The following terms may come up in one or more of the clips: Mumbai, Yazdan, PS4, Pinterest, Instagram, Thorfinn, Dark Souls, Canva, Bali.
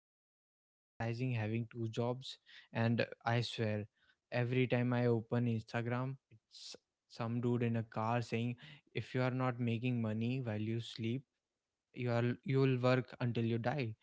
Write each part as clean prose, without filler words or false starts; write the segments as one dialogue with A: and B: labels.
A: start romanticizing having two jobs? And I swear every time I open Instagram it's some dude in a car saying if you are not making money while you sleep you'll work until you die.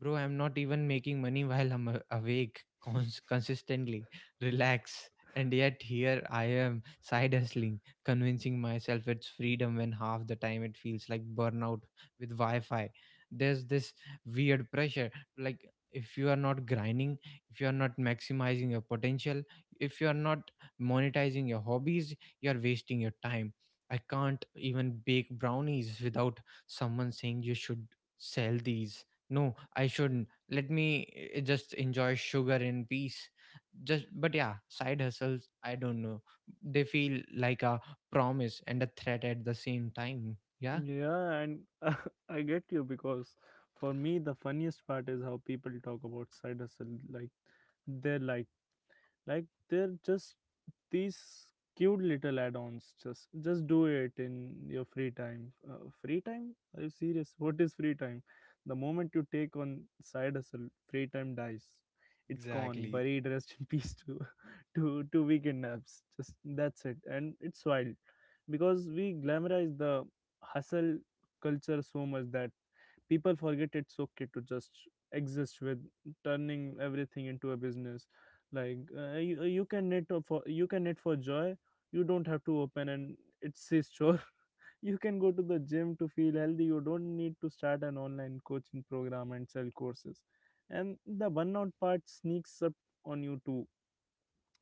A: Bro, I'm not even making money while I'm awake consistently. Relax. And yet here I am side hustling, convincing myself it's freedom when half the time it feels like burnout with Wi-Fi. There's this weird pressure. Like if you are not grinding, if you are not maximizing your potential, if you are not monetizing your hobbies, you are wasting your time. I can't even bake brownies without someone saying you should sell these. No, I shouldn't. Let me just enjoy sugar in peace. Just, but yeah, side hustles, I don't know. They feel like a promise and a threat at the same time. Yeah.
B: Yeah, and I get you because for me, the funniest part is how people talk about side hustle like their life. like they're just these cute little add-ons. Just do it in your free time. Free time, are you serious? What is free time? The moment you take on side hustle, free time dies. It's gone,
A: Exactly.
B: buried. Rest in peace to to to weekend naps. Just that's it. And it's wild because we glamorize the hustle culture so much that people forget it's okay to just exist with turning everything into a business. You, you can knit for you can knit for joy. You don't have to open and it's his chore. You can go to the gym to feel healthy. You don't need to start an online coaching program and sell courses. And the burnout part sneaks up on you too.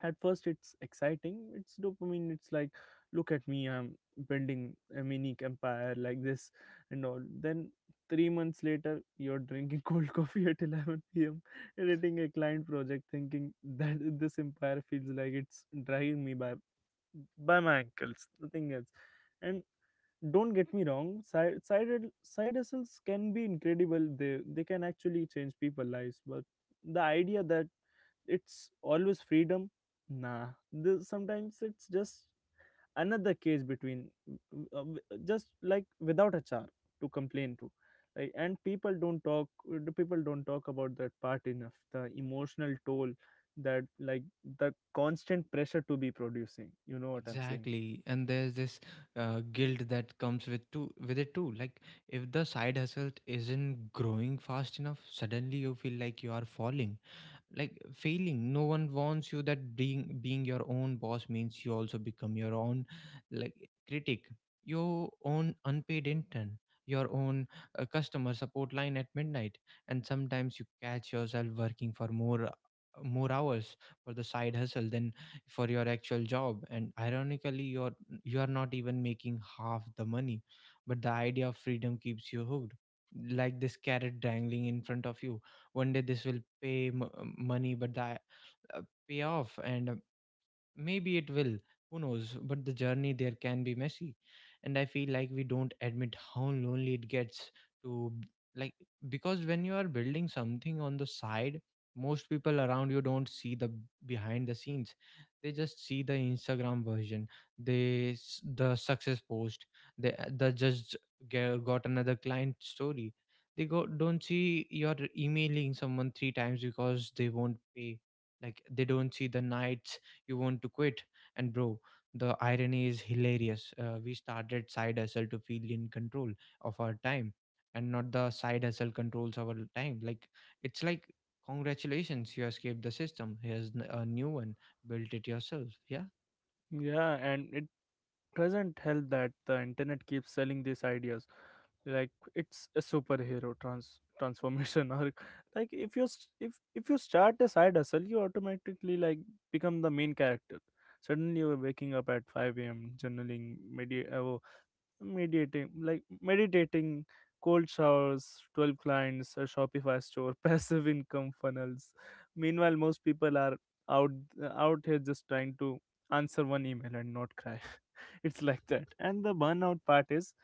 B: At first it's exciting, it's dopamine, it's like, look at me, I'm building a mini empire like this. And all then 3 months later you're drinking cold coffee at 11 p.m. editing a client project thinking that this empire feels like it's dragging me by my ankles, nothing else. And don't get me wrong, side hustles can be incredible. They can actually change people's lives. But the idea that it's always freedom, nah. This, sometimes it's just another case between, uh, just like without a char to complain to. Like and people don't talk the people don't talk about that part enough, the emotional toll, that like the constant pressure to be producing, you know what I'm saying?
A: Exactly, and there's this guilt that comes with too with it too. Like if the side hustle isn't growing fast enough, suddenly you feel like you are falling. Like failing. No one warns you that being your own boss means you also become your own, like, critic, your own unpaid intern, your own, customer support line at midnight. And sometimes you catch yourself working for more hours for the side hustle than for your actual job, and ironically you are not even making half the money, but the idea of freedom keeps you hooked like this carrot dangling in front of you. One day this will pay money. But that uh, pay off and maybe it will, who knows? But the journey there can be messy. And I feel like we don't admit how lonely it gets to, b- like, because when you are building something on the side, most people around you don't see the behind the scenes. They just see the Instagram version, the success post, they the just ge- got another client story. They go don't see you're emailing someone three times because they won't pay. Like they don't see the nights you want to quit. And bro, the irony is hilarious. We started side hustle to feel in control of our time, and not the side hustle controls our time. Like it's like congratulations, you escaped the system, here's a new one, built it yourself. Yeah.
B: Yeah, and it doesn't help that the internet keeps selling these ideas. Like it's a superhero transformation. Or Like if you start a side hustle you automatically like become the main character. Suddenly you're waking up at 5 a.m. journaling, medi- oh, mediating like meditating, cold showers, 12 clients, a Shopify store, passive income funnels. Meanwhile most people are out out here just trying to answer one email and not cry. It's like that. And the burnout part is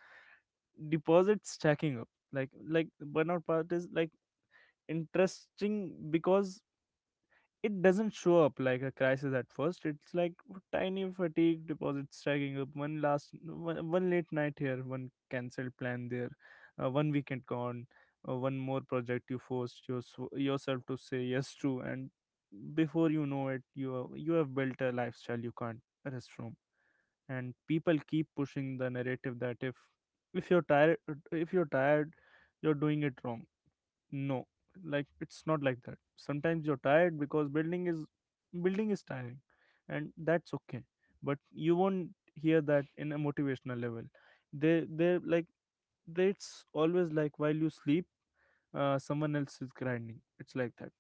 B: deposits stacking up like burnout part is like interesting, because it doesn't show up like a crisis at first. It's like tiny fatigue deposits stacking up. One late night here, one cancelled plan there, one weekend gone, one more project you forced yourself to say yes to. And before you know it you have built a lifestyle you can't rest from. And people keep pushing the narrative that if you're tired if you're tired, you're doing it wrong. No, like it's not like that. Sometimes you're tired because building is tiring, and that's okay. But you won't hear that in a motivational level. They they're like they, It's always like, while you sleep someone else is grinding. It's like that.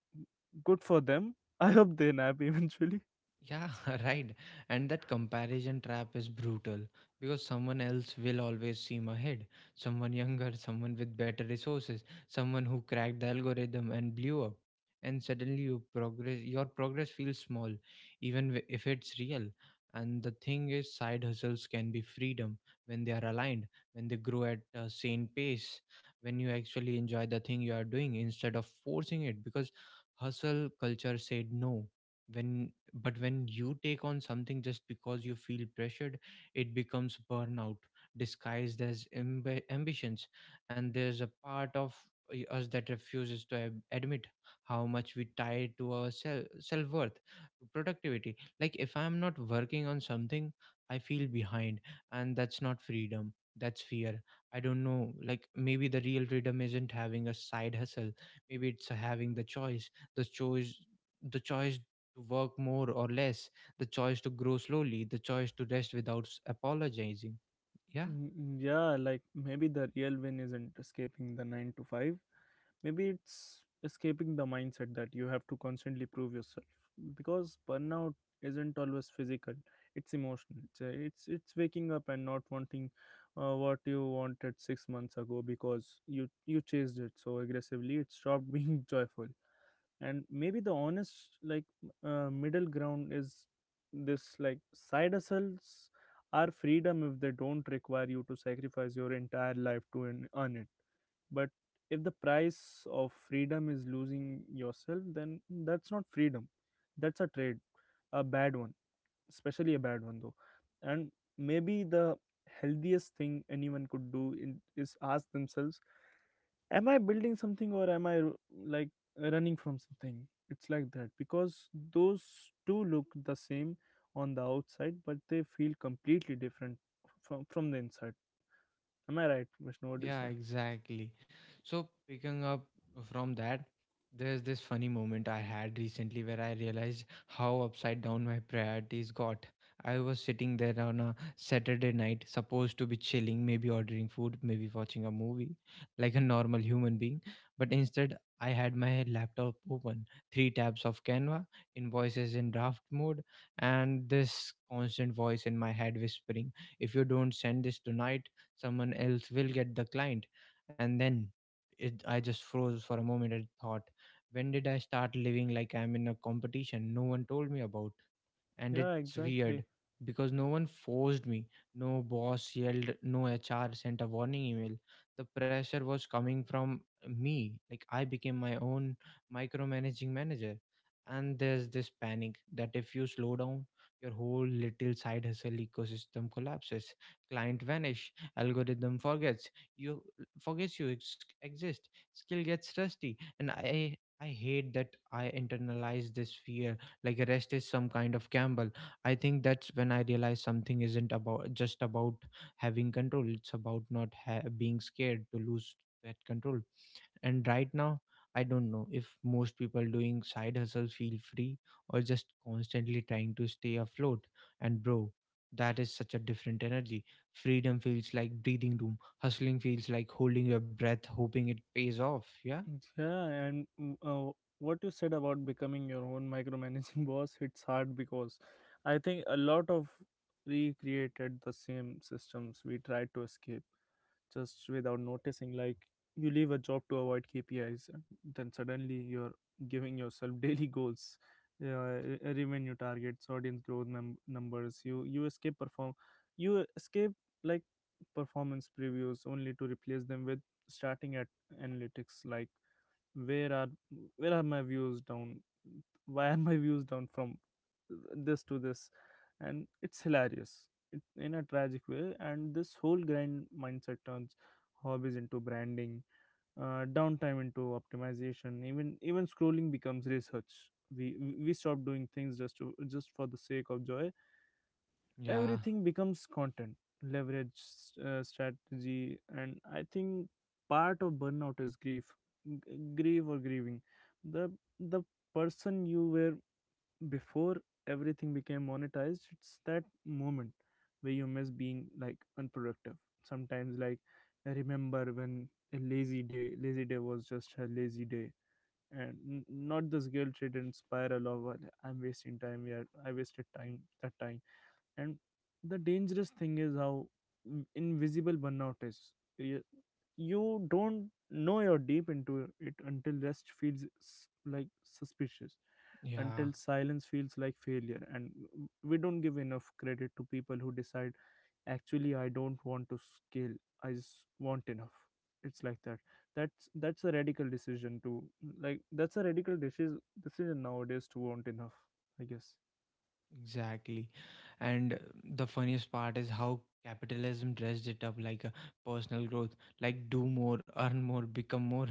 B: Good for them. I hope they nap eventually.
A: Yeah, right. And that comparison trap is brutal because someone else will always seem ahead. Someone younger, someone with better resources, someone who cracked the algorithm and blew up. And suddenly your progress feels small even if it's real. And the thing is side hustles can be freedom when they are aligned, when they grow at a sane pace, when you actually enjoy the thing you are doing instead of forcing it because hustle culture said no. When but when you take on something just because you feel pressured, it becomes burnout disguised as ambitions. And there's a part of us that refuses to admit how much we tie to our self-worth to productivity. Like if I'm not working on something, I feel behind, and that's not freedom, that's fear. I don't know, like maybe the real freedom isn't having a side hustle, maybe it's having the choice, the choice the choice to work more or less, the choice to grow slowly, the choice to rest without apologizing. Yeah.
B: Yeah, like maybe the real win isn't escaping the 9 to 5. Maybe it's escaping the mindset that you have to constantly prove yourself, because burnout isn't always physical, it's emotional. It's waking up and not wanting what you wanted 6 months ago because you chased it so aggressively it stopped being joyful. And maybe the honest, middle ground is this: like side hustles are freedom if they don't require you to sacrifice your entire life to earn it. But if the price of freedom is losing yourself, then that's not freedom, that's a trade. A bad one. Especially a bad one though. And maybe the healthiest thing anyone could do is ask themselves, am I building something or am I like running from something? It's like that, because those two look the same on the outside but they feel completely different from the inside. Am I right, Vishnu? What do you
A: Yeah,
B: say?
A: exactly. So, picking up from that, there's this funny moment I had recently where I realized how upside down my priorities got. I was sitting there on a Saturday night, supposed to be chilling, maybe ordering food, maybe watching a movie, like a normal human being. But instead, I had my laptop open, three tabs of Canva, invoices in draft mode, and this constant voice in my head whispering, if you don't send this tonight, someone else will get the client. And then I just froze for a moment and thought, when did I start living like I'm in a competition no one told me about? And
B: Yeah,
A: it's
B: exactly.
A: weird because no one forced me. No boss yelled, no HR sent a warning email. The pressure was coming from me. Like I became my own micromanaging manager. And there's this panic that if you slow down, your whole little side hustle ecosystem collapses. Client vanish, algorithm you forgets you exist. Skill gets rusty, and I hate that I internalize this fear like rest is some kind of gamble. I think that's when I realized something isn't about just about having control, it's about not being scared to lose that control. And right now, I don't know if most people doing side hustles feel free or just constantly trying to stay afloat. And bro, that is such a different energy. Freedom feels like breathing room, hustling feels like holding your breath hoping it pays off. Yeah.
B: Yeah, and what you said about becoming your own micromanaging boss, it's hard because I think a lot of recreated the same systems we tried to escape just without noticing. Like you leave a job to avoid KPIs and then suddenly you're giving yourself daily goals, revenue targets, audience growth, numbers. You escape like performance previews only to replace them with starting at analytics, like where are where are my views down, why are my views down from this to this. And it's hilarious in a tragic way. And this whole grind mindset turns hobbies into branding, downtime into optimization. Even scrolling becomes research. We stop doing things just to just for the sake of joy.
A: yeah
B: Everything becomes content, leverage, strategy. And I think part of burnout is grief. G- grieve or Grieving the the person you were before everything became monetized. It's that moment where you miss being like unproductive sometimes. Like I remember when a lazy day was just a lazy day, and not this guilt ridden spiral of, "Well, I'm wasting time. Yeah, I wasted time that time." And the dangerous thing is how invisible burnout is. you, you don't know you're deep into it until rest feels like suspicious,
A: yeah
B: until silence feels like failure. And we don't give enough credit to people who decide, actually I don't want to scale, I just want enough. It's like that. That's a radical decision to, like that's a radical decision nowadays, to want enough, I guess.
A: Exactly. And the funniest part is how capitalism dressed it up like a personal growth, like do more, earn more, become more,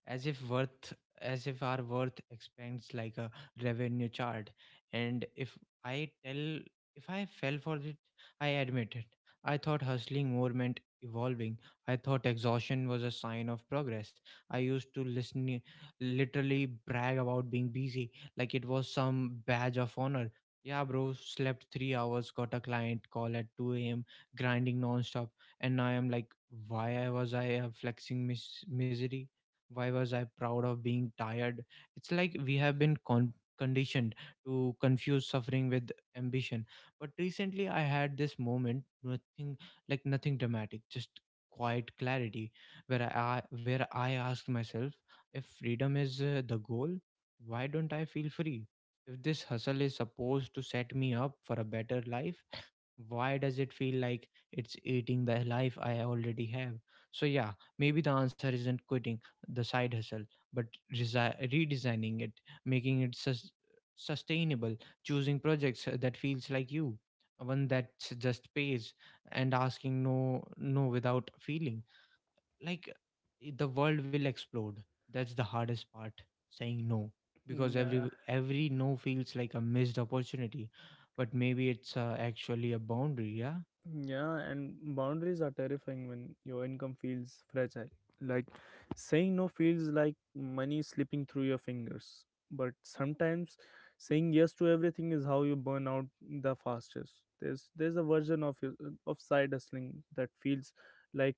A: as if worth as if our worth expands like a revenue chart. And I tell if I fell for it, I admit it. I thought hustling more meant evolving. I thought exhaustion was a sign of progress. I used to listen literally brag about being busy like it was some badge of honor. Yeah, bro, slept 3 hours, got a client call at 2 a.m., grinding non-stop, and now I'm like, why I was I flexing misery? Why was I proud of being tired? It's like we have been conditioned to confuse suffering with ambition. But recently, I had this moment, nothing dramatic, just quiet clarity, where I asked myself, if freedom is the goal, why don't I feel free? If this hustle is supposed to set me up for a better life, why does it feel like it's eating the life I already have? So, yeah, maybe the answer isn't quitting the side hustle, but redesigning it, making it sustainable, choosing projects that feels like you, one that just pays, and asking no, no without feeling like the world will explode. That's the hardest part, saying no, because
B: Yeah,
A: every no feels like a missed opportunity, but maybe it's actually a boundary. Yeah.
B: yeah, and boundaries are terrifying when your income feels fragile. Like saying no feels like money slipping through your fingers. But sometimes saying yes to everything is how you burn out the fastest. There's a version of of side hustling that feels like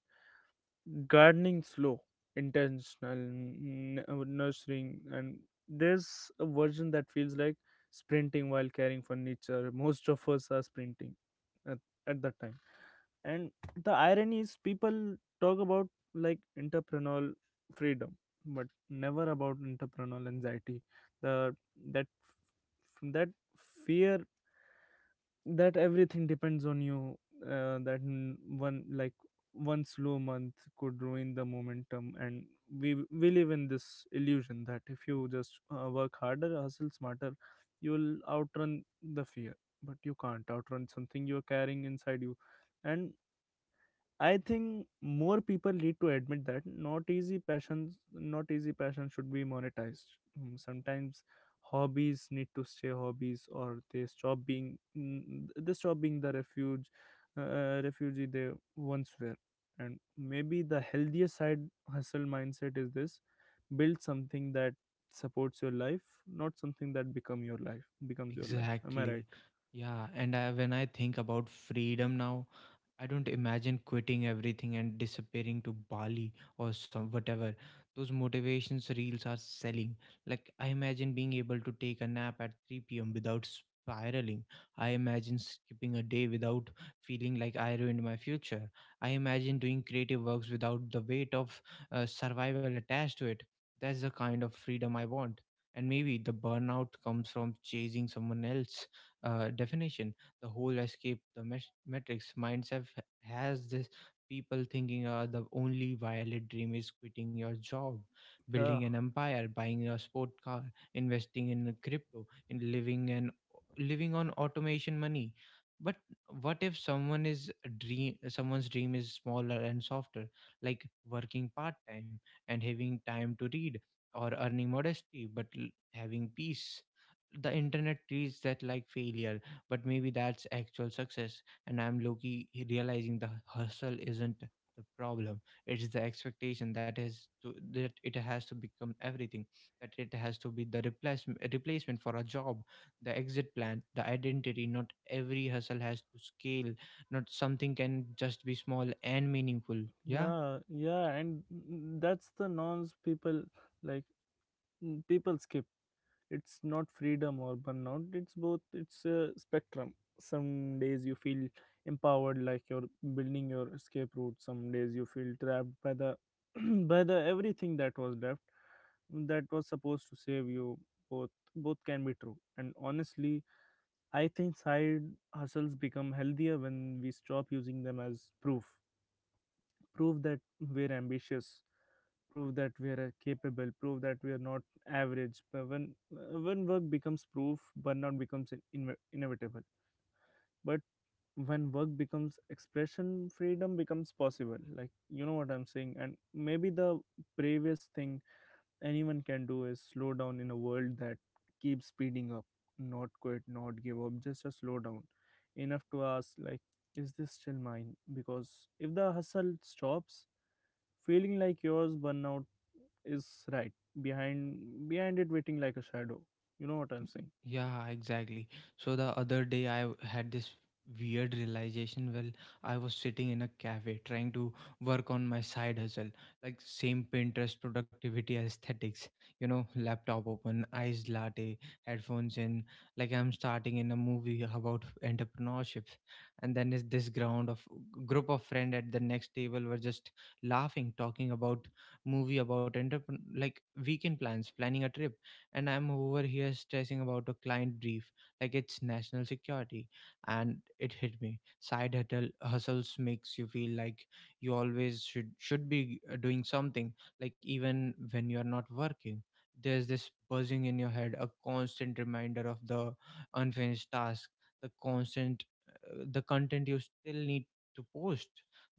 B: gardening, slow, intentional, nurturing. And there's a version that feels like sprinting while carrying furniture. Most of us are sprinting at, at that time. And the irony is people talk about like entrepreneurial freedom but never about entrepreneurial anxiety, the that that fear that everything depends on you, that one slow month could ruin the momentum. And we live in this illusion that if you just work harder, hustle smarter, you'll outrun the fear. But you can't outrun something you're carrying inside you. And I think more people need to admit that not easy passions, not easy passion should be monetized. Sometimes hobbies need to stay hobbies, or they stop being they stop being the refuge, refugee they once were. And maybe the healthier side hustle mindset is this: build something that supports your life, not something that becomes your life. Am I right?
A: Exactly. Yeah. And when I think about freedom now, I don't imagine quitting everything and disappearing to Bali or some whatever those motivations reels are selling. Like I imagine being able to take a nap at 3 p.m. without spiraling. I imagine skipping a day without feeling like I ruined my future. I imagine doing creative works without the weight of survival attached to it. That's the kind of freedom I want. And maybe the burnout comes from chasing someone else's definition. The whole escape the metrics mindset has this people thinking the only violent dream is quitting your job, building
B: Yeah,
A: an empire, buying a sport car, investing in crypto, in living and living on automation money. But what if someone's dream is smaller and softer, like working part time and having time to read, or earning modesty, but having peace. The internet treats that like failure, but maybe that's actual success. And I'm Loki realizing the hustle isn't the problem. It's the expectation that it has to become everything. That it has to be the replacement for a job, the exit plan, the identity. Not every hustle has to scale. Not something can just be small and meaningful. Yeah.
B: yeah, yeah, and that's the norms people like people skip. It's not freedom or burnout, it's both. It's a spectrum. Some days you feel empowered, like you're building your escape route. Some days you feel trapped by the by the everything that was left, that was supposed to save you. Both both can be true. And honestly, I think side hustles become healthier when we stop using them as proof prove that we're ambitious, prove that we are capable, prove that we are not average. But when work becomes proof, burnout becomes inevitable. But when work becomes expression, freedom becomes possible, like you know what I'm saying. And maybe the bravest thing anyone can do is slow down in a world that keeps speeding up. Not quit, not give up, just a slow down enough to ask, like, is this still mine? Because if the hustle stops feeling like yours, burnout is right behind it waiting like a shadow. You know what I'm saying?
A: Yeah, exactly. So the other day had this weird realization. Well, I was sitting in a cafe trying to work on my side hustle, like same Pinterest productivity aesthetics, you know, laptop open, iced latte, headphones in, like I'm starting in a movie about entrepreneurship. And then is this ground of group of friend at the next table were just laughing, talking about movie about entrepreneur, like weekend plans, planning a trip, and I'm over here stressing about a client brief like it's national security. And it hit me. Side hustles makes you feel like you always should be doing something, like even when you're not working. There's this buzzing in your head, a constant reminder of the unfinished task, the constant, the content you still need to post,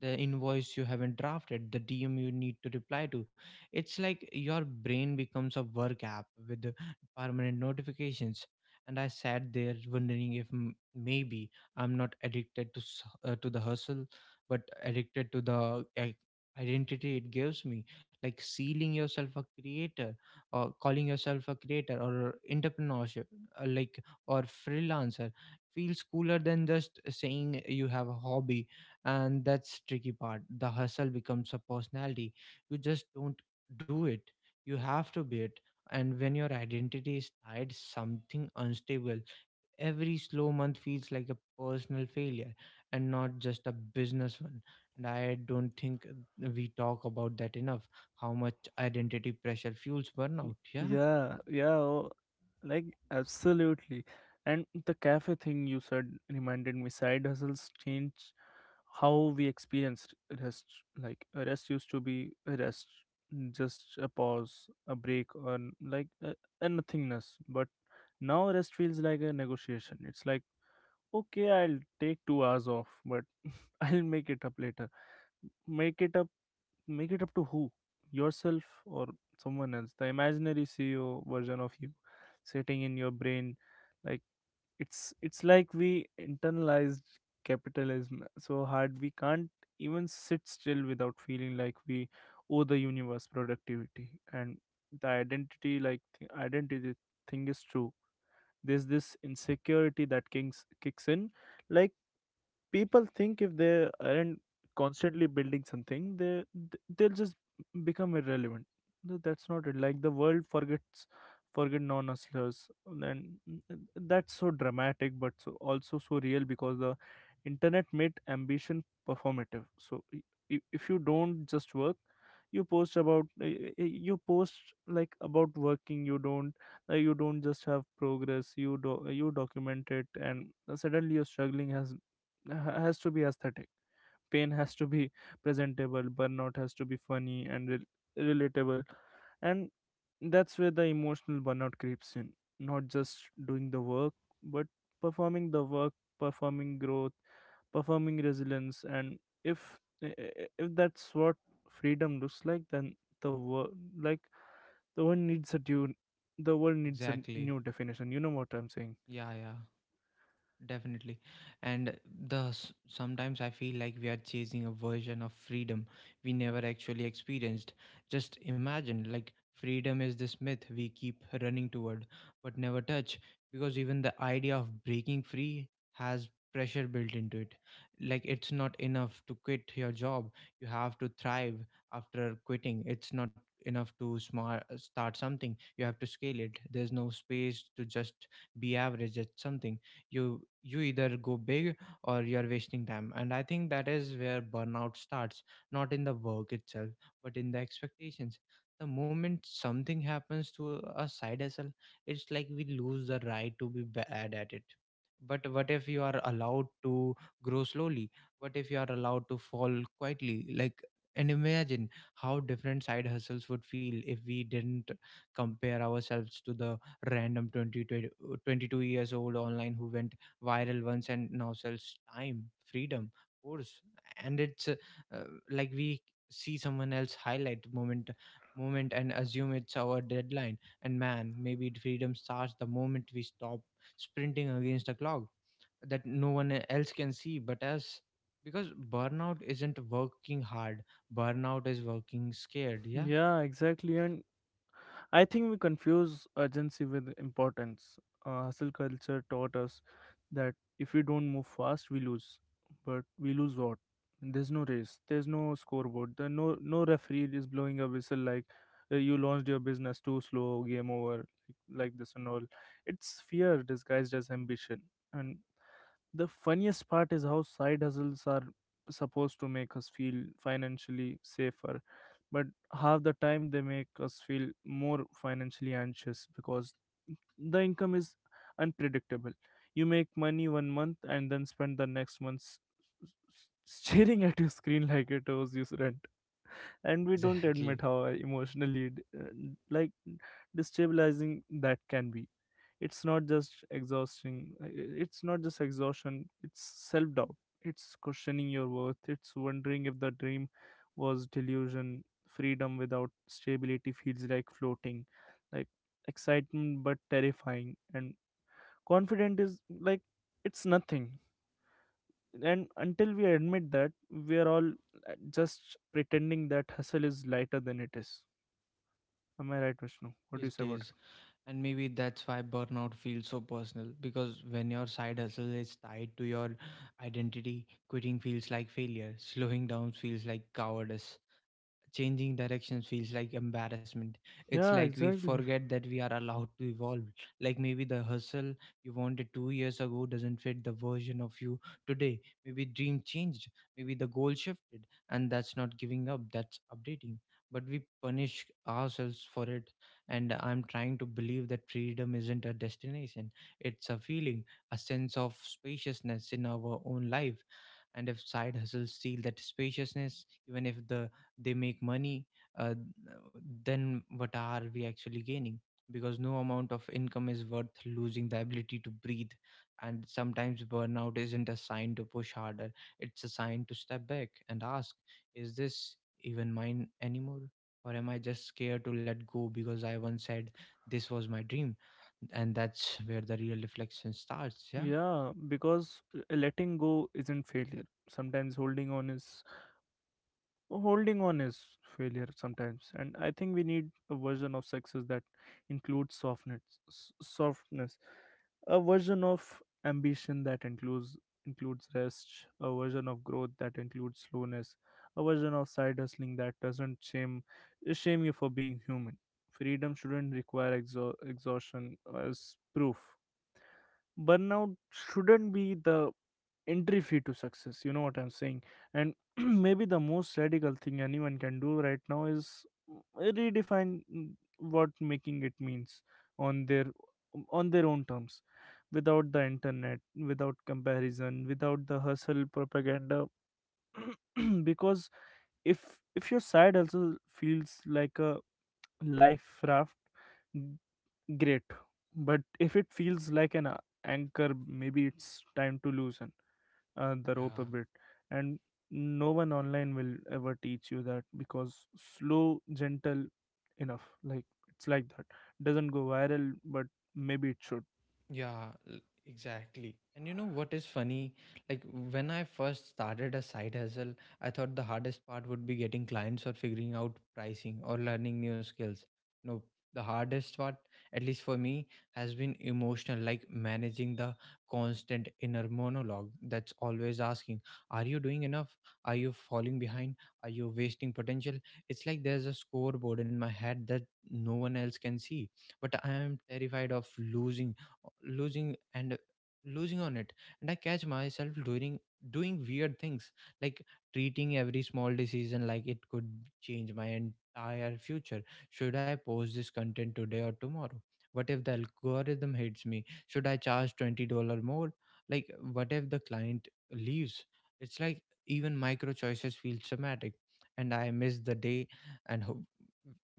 A: the invoice you haven't drafted, the DM you need to reply to. It's like your brain becomes a work app with permanent notifications. And I sat there wondering if maybe I'm not addicted to the hustle, but addicted to the identity it gives me. Like sealing yourself a creator, or calling yourself a creator, or entrepreneurship, like, or freelancer, feels cooler than just saying you have a hobby. And that's tricky part: the hustle becomes a personality. You just don't do it, you have to be it. And when your identity is tied something unstable, every slow month feels like a personal failure and not just a business one. And I don't think we talk about that enough, how much identity pressure fuels burnout.
B: Y-
A: Yeah,
B: Yeah, yeah, like absolutely. And the cafe thing you said reminded me, side hustles change how we experience rest. Like a rest used to be a rest, just a pause, a break, or like a nothingness. But now rest feels like a negotiation. It's like, okay, I'll take 2 hours off, but I'll make it up later. Make it up Make it up to who? Yourself or someone else? The imaginary CEO version of you sitting in your brain. Like it's like we internalized capitalism so hard we can't even sit still without feeling like we owe the universe productivity. And the identity, like identity thing is true. There's this insecurity that kicks in. Like, people think if they aren't constantly building something, they'll just become irrelevant. No, that's not it. Like, the world forget non-hustlers, and that's so dramatic but so also so real, because the internet made ambition performative. So if you don't just work, you post about you post, like, about working. You don't you don't just have progress, you do, you document it. And suddenly your struggling has to be aesthetic, pain has to be presentable, burnout has to be funny and relatable. And that's where the emotional burnout creeps in, not just doing the work but performing the work, performing growth, performing resilience. And if if that's what freedom looks like, then the world, the world needs a due, the world needs a
A: exactly.
B: new definition. You know what I'm saying?
A: Yeah, yeah. Definitely. And sometimes I feel like we are chasing a version of freedom we never actually experienced. Just imagine, like, freedom is this myth we keep running toward but never touch, because even the idea of breaking free has pressure built into it. Like, it's not enough to quit your job. You have to thrive after quitting. It's not enough to smart start something. You have to scale it. There's no space to just be average at something. You either go big or you're wasting time. And I think that is where burnout starts, not in the work itself, but in the expectations. The moment something happens to a side hustle, it's like we lose the right to be bad at it. But what if you are allowed to grow slowly? What if you are allowed to fall quietly? Like, and imagine how different side hustles would feel if we didn't compare ourselves to the random 20, twenty 22 years old online who went viral once and now sells time, freedom, course. And it's uh, like, we see someone else highlight moment and assume it's our deadline. And, man, maybe freedom starts the moment we stop sprinting against a clock that no one else can see but us, because burnout isn't working hard, burnout is working scared. Yeah.
B: Yeah, exactly. And I think we confuse urgency with importance. Hustle culture taught us that if we don't move fast, we lose. But we lose what? There's no race. There's no scoreboard. There no no referee is blowing a whistle like You launched your business too slow, game over, like this and all. It's fear disguised as ambition. And the funniest part is how side hustles are supposed to make us feel financially safer, but half the time they make us feel more financially anxious, because the income is unpredictable. You make money 1 month and then spend the next month s- staring at your screen like it owes you rent. And we don't
A: Exactly.
B: admit how emotionally like destabilizing that can be. It's not just exhausting, it's not just exhaustion, it's self doubt, it's questioning your worth, it's wondering if the dream was delusion. Freedom without stability feels like floating, like excitement but terrifying. And confident is like it's nothing. And until we admit that, we are all just pretending that hustle is lighter than it is. Am I right, Vishnu? What
A: It
B: do you say about
A: is. And maybe that's why burnout feels so personal, because when your side hustle is tied to your identity, quitting feels like failure, slowing down feels like cowardice, changing direction feels like embarrassment.
B: it?
A: It's
B: Yeah,
A: like we
B: exactly.
A: forget that we are allowed to evolve. Like, maybe the hustle you wanted 2 years ago doesn't fit the version of you today. Maybe dream changed, maybe the goal shifted, and that's not giving up, that's updating. But we punish ourselves for it. And I'm trying to believe that freedom isn't a destination, it's a feeling, a sense of spaciousness in our own life. And if side hustles steal that spaciousness, even if they make money, uh, then what are we actually gaining? Because no amount of income is worth losing the ability to breathe. And sometimes burnout isn't a sign to push harder, it's a sign to step back and ask, is this even mine anymore? Or am I just scared to let go because I once said this was my dream? And that's where the real reflection starts. Yeah.
B: Yeah, because letting go isn't failure, sometimes holding on is failure sometimes. And I think we need a version of success that includes softness, softness, a version of ambition that includes rest, a version of growth that includes slowness, a version of side hustling that doesn't shame you for being human. Freedom shouldn't require exhaustion as proof. Burnout shouldn't be the entry fee to success. You know what I'm saying? And maybe the most radical thing anyone can do right now is redefine what making it means on their own terms, without the internet, without comparison, without the hustle propaganda. Because if your side also feels like a life raft, great. But if it feels like an anchor, maybe it's time to loosen the rope a
A: Yeah.
B: bit. And no one online will ever teach you that because slow, gentle enough. Like, it's like that. Doesn't go viral, but maybe it should.
A: Yeah, l- exactly. And you know what is funny? Like, when I first started a side hustle, I thought the hardest part would be getting clients or figuring out pricing or learning new skills. No, the hardest part, at least for me, has been emotional, like managing the constant inner monologue that's always asking, are you doing enough? Are you falling behind? Are you wasting potential? It's like there's a scoreboard in my head that no one else can see, but I am terrified of losing and losing on it. And I catch myself doing weird things, like treating every small decision like it could change my entire future. Should I post this content today or tomorrow? What if the algorithm hates me? Should I charge $20 more? Like, what if the client leaves? It's like even micro choices feel traumatic. And I miss the day and ho-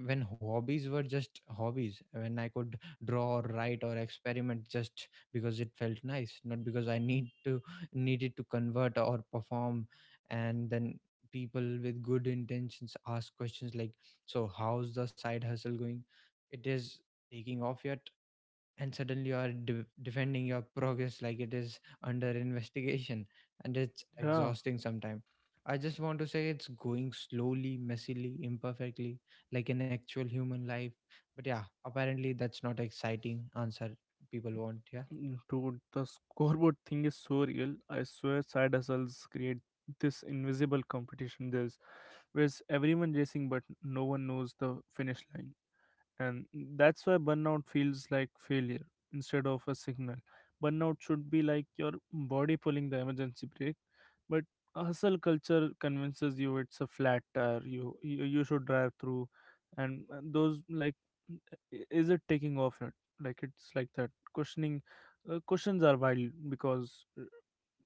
A: when hobbies were just hobbies, when I could draw or write or experiment just because it felt nice, not because I needed to convert or perform. And then people with good intentions ask questions like, so how's the side hustle going? It is taking off yet? And suddenly you are defending your progress like it is under investigation. And it's
B: Yeah.
A: exhausting sometimes. I just want to say it's going slowly, messily, imperfectly, like an actual human life. But yeah, apparently that's not exciting answer people want. Yeah.
B: Mm, dude, the scoreboard thing is so real. I swear side hustles create this invisible competition. There's where's everyone racing, but no one knows the finish line. And that's why burnout feels like failure instead of a signal. Burnout should be like your body pulling the emergency brake, but a hustle culture convinces you it's a flat tire you should drive through. And those like I- is it taking off yet, like it's like that questioning, questions are wild, because uh,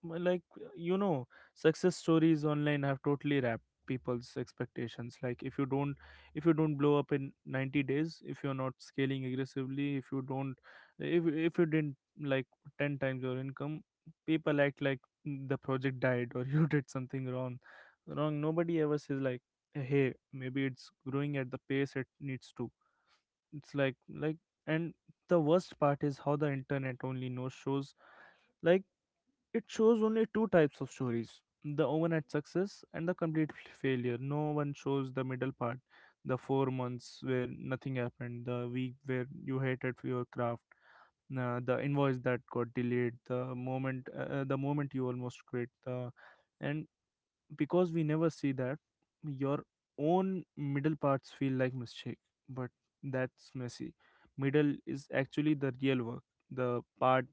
B: m- like, you know, success stories online have totally wrapped people's expectations. Like, if you don't, if you don't blow up in 90 days, if you're not scaling aggressively, if you didn't, like, 10 times your income, people act like, mm, the project died, or you did something wrong. Nobody ever says like, hey, maybe it's growing at the pace it needs to. It's like, like and the worst part is how the internet only knows shows, like, it shows only two types of stories: the overnight success and the complete failure. No one shows the middle part, the 4 months where nothing happened, the week where you hated for your craft, the invoice that got delayed, the moment you almost quit, the, and because we never see that, your own middle parts feel like mistake. But that's messy middle is actually the real work, the part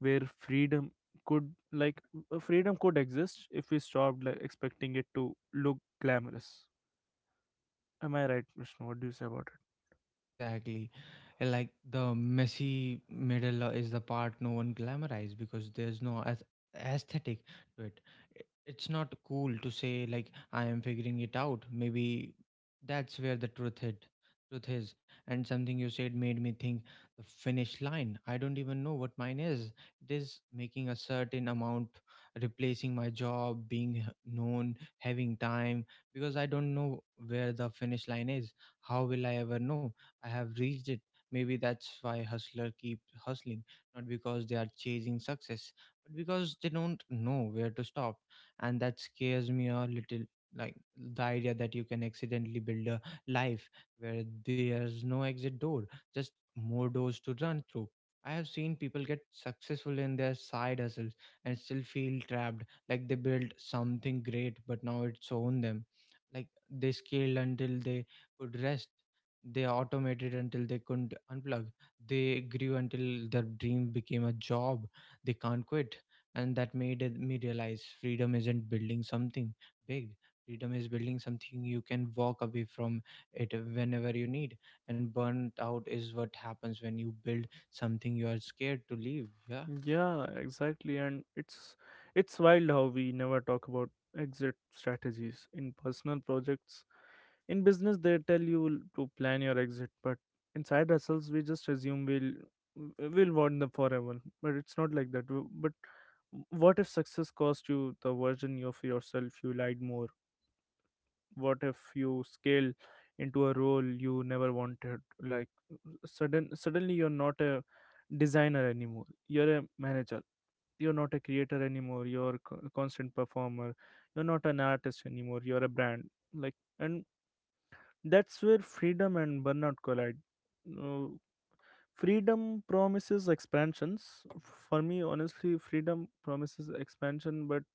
B: where freedom could like freedom could exist if we stopped, like, expecting it to look glamorous. Am I right, Vishnu? What do you say about?
A: Exactly. Like, the messy middle is the part no one glamorizes because there's no aesthetic to it. It's not cool to say like, I am figuring it out. Maybe that's where the truth hit. Truth is, and something you said made me think, the finish line, I don't even know what mine is. It is making a certain amount, replacing my job, being known, having time, because I don't know where the finish line is. How will I ever know I have reached it? Maybe that's why hustler keep hustling, not because they are chasing success, but because they don't know where to stop. And that scares me a little. Like, the idea that you can accidentally build a life where there's no exit door, just more doors to run through. I have seen people get successful in their side hustles and still feel trapped, like they built something great, but now it's owned them. Like, they scaled until they could rest, they automated until they couldn't unplug, they grew until their dream became a job they can't quit. And that made me realize, freedom isn't building something big. Freedom is building something you can walk away from it whenever you need. And burnt out is what happens when you build something you are scared to leave. Yeah.
B: Yeah, exactly. And it's wild how we never talk about exit strategies in personal projects. In business, they tell you to plan your exit, but inside ourselves, we just assume we'll want them forever. But it's not like that. But what if success cost you the version of yourself you lied more? What if you scale into a role you never wanted? Like, suddenly you're not a designer anymore, you're a manager. You're not a creator anymore, you're a constant performer. You're not an artist anymore, you're a brand. Like and That's where freedom and burnout collide. Uh, freedom promises expansions, for me honestly freedom promises expansion, but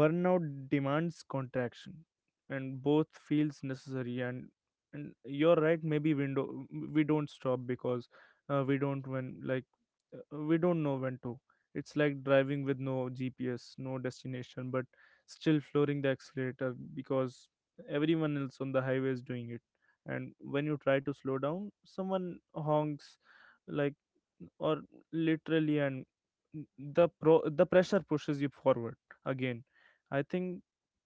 B: burnout demands contraction. And both feels necessary. And you're right, maybe window, we don't stop because uh, we don't when like we don't know when to. It's like driving with no GPS, no destination, but still flooring the accelerator because everyone else on the highway is doing it. And when you try to slow down, someone honks, like, or literally. And the pressure pushes you forward again. I think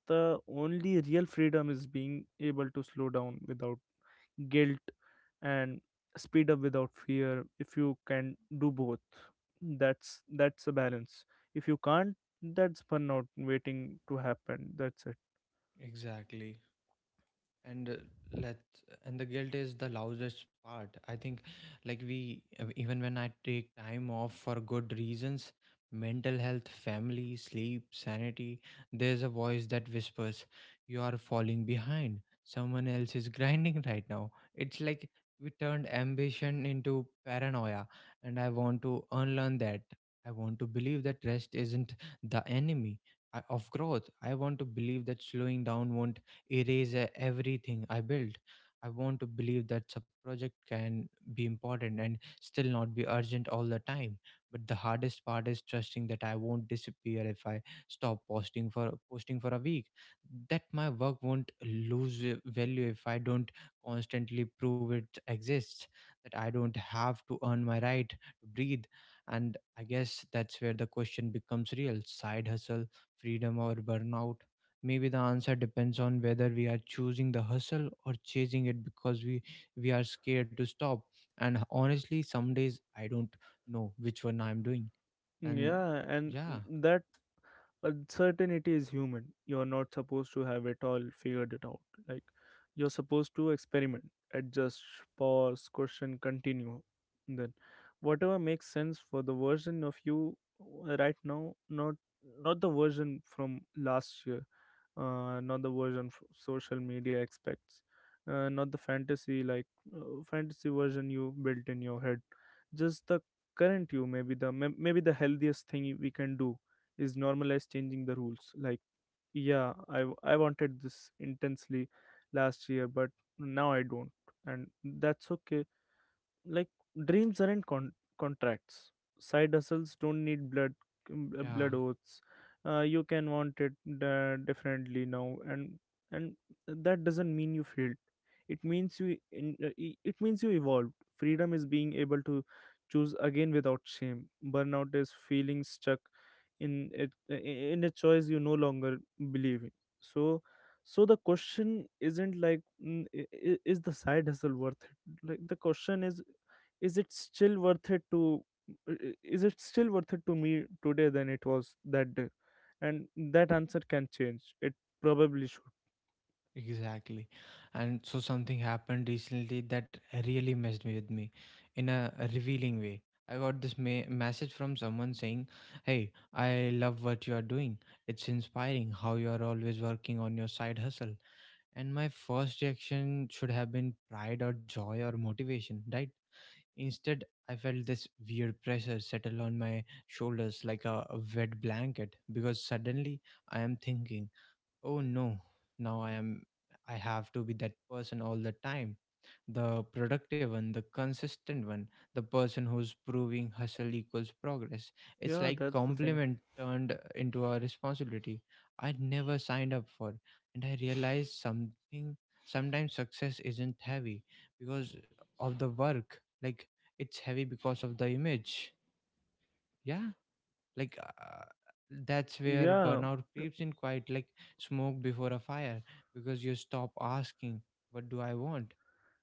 B: the only real freedom is being able to slow down without guilt and speed up without fear. If you can do both, that's a balance. If you can't, that's burnout waiting to happen. That's it.
A: Exactly. And let and the guilt is the loudest part, I think. Like, we even when I take time off for good reasons, mental health, family, sleep, sanity, there's a voice that whispers, you are falling behind, someone else is grinding right now. It's like we turned ambition into paranoia. And I want to unlearn that. I want to believe that rest isn't the enemy of growth. I want to believe that slowing down won't erase everything I built. I want to believe that subproject can be important and still not be urgent all the time. But the hardest part is trusting that I won't disappear if I stop posting for a week. That my work won't lose value if I don't constantly prove it exists. That I don't have to earn my right to breathe. And I guess that's where the question becomes real: side hustle, freedom, or burnout? Maybe the answer depends on whether we are choosing the hustle or chasing it because we are scared to stop. And honestly, some days I don't know which one I'm doing. And
B: Yeah, and
A: yeah.
B: that uncertainty is human. You're not supposed to have it all figured it out. Like, you're supposed to experiment, adjust, pause, question, continue, then whatever makes sense for the version of you right now. Not not the version from last year, not the version social media expects, not the fantasy, fantasy version you built in your head, just the current you. Maybe the maybe the healthiest thing we can do is normalized changing the rules. Like, yeah, I wanted this intensely last year, but now I don't. And that's okay. Like, dreams aren't contracts, side hustles don't need blood,
A: Yeah,
B: blood oaths. You can want it differently now. And and that doesn't mean you failed, it means it means you evolved. Freedom is being able to choose again without shame. Burnout is feeling stuck in a choice you no longer believe in. So the question isn't like, mm, is the side hustle worth it. Like, the question is it still worth it to is it still worth it to me today than it was that day. And that answer can change. It probably should.
A: exactly. And so something happened recently that really messed me with me. In a revealing way, I got this message from someone saying, hey, I love what you are doing, it's inspiring how you are always working on your side hustle. And my first reaction should have been pride or joy or motivation, right? Instead, I felt this weird pressure settle on my shoulders like a wet blanket, because suddenly I am thinking, oh no, now I have to be that person all the time, the productive one, the consistent one, the person who's proving hustle equals progress. It's
B: Yeah,
A: like
B: that's the thing.
A: compliment turned into a responsibility I never signed up for. And I realized something: sometimes success isn't heavy because of the work. Like, it's heavy because of the image. Yeah. Like,
B: Y-
A: that's where
B: yeah
A: burnout creeps in quite like smoke before a fire, because you stop asking, what do I want,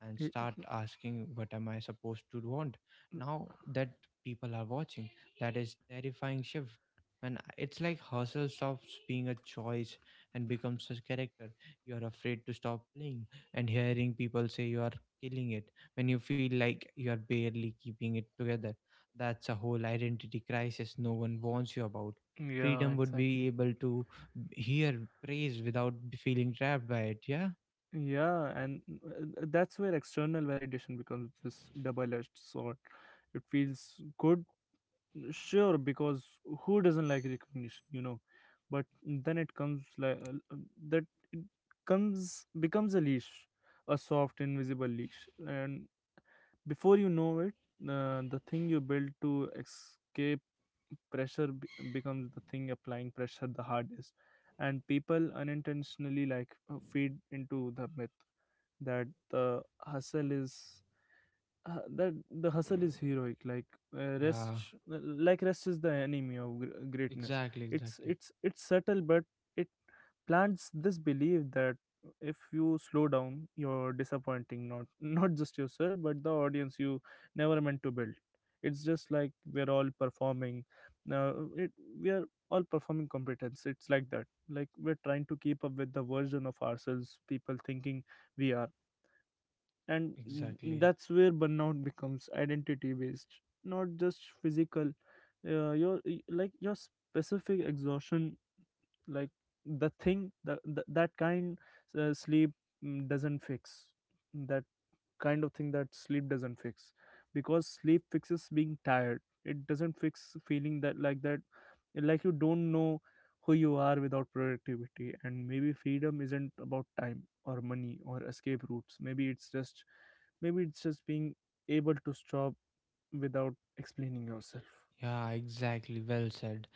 A: and start
B: i-
A: asking, what am I supposed to want now that people are watching? That is terrifying shift. And it's like hustle stops being a choice and becomes a character you're afraid to stop playing. And hearing people say you are killing it when you feel like you are barely keeping it together, that's a whole identity crisis no one warns you about.
B: yeah,
A: Freedom would
B: exactly.
A: be able to hear praise without feeling trapped by it, yeah?
B: Yeah. And that's where external validation becomes this double-edged sword. It feels good, sure, because who doesn't like recognition, you know? But then it comes like that, it comes becomes a leash, a soft invisible leash. And before you know it, the thing you build to escape pressure becomes the thing applying pressure the hardest. And people unintentionally, like, feed into the myth that the hustle is that the hustle is heroic, like,
A: Yeah,
B: rest, like rest is the enemy of greatness.
A: exactly, exactly,
B: It's subtle, but it plants this belief that if you slow down, you're disappointing not not just yourself but the audience you never meant to build. It's just like we're all performing, uh, it, we are all performing competence. It's like that, like we're trying to keep up with the version of ourselves people thinking we are. And
A: exactly.
B: that's where burnout becomes identity based, not just physical. Like, your specific exhaustion, like the thing, that kind, sleep mm, doesn't fix that kind of thing that sleep doesn't fix. Because sleep fixes being tired, it doesn't fix feeling that, like that, like you don't know who you are without productivity. And maybe freedom isn't about time or money or escape routes. Maybe it's just being able to stop without explaining yourself.
A: Yeah, exactly. Well said.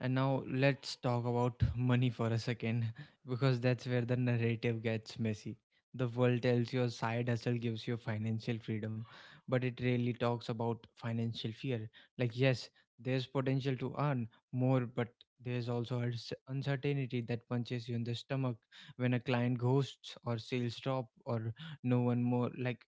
A: And now let's talk about money for a second, because that's where the narrative gets messy. The world tells you a side hustle gives you financial freedom, but it really talks about financial fear. Like, yes, there's potential to earn more, but there's also a uncertainty that punches you in the stomach when a client ghosts or sales drop or no one more like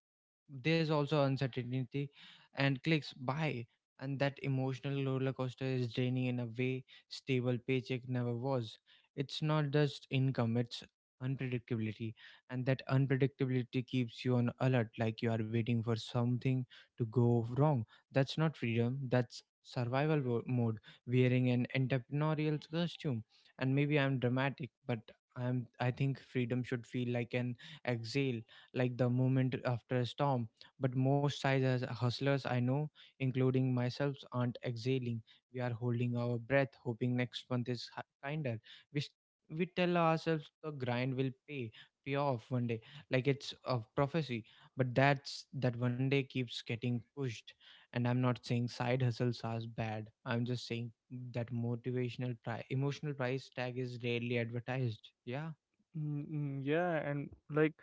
A: there's also uncertainty and clicks buy, and that emotional roller coaster is draining in a way stable paycheck never was. It's not just income, it's unpredictability, and that unpredictability keeps you on alert like you are waiting for something to go wrong. That's not freedom, that's survival mode wearing an entrepreneurial costume. And maybe I'm dramatic, but I think freedom should feel like an exhale, like the moment after a storm. But most size hustlers I know, including myself, aren't exhaling. We are holding our breath, hoping next month is kinder. We s- we tell ourselves the grind will pay off one day, like it's a prophecy. But that's that one day keeps getting pushed. And I'm not saying side hustles are bad. I'm just saying that emotional price tag is rarely advertised. Yeah.
B: Yeah, and like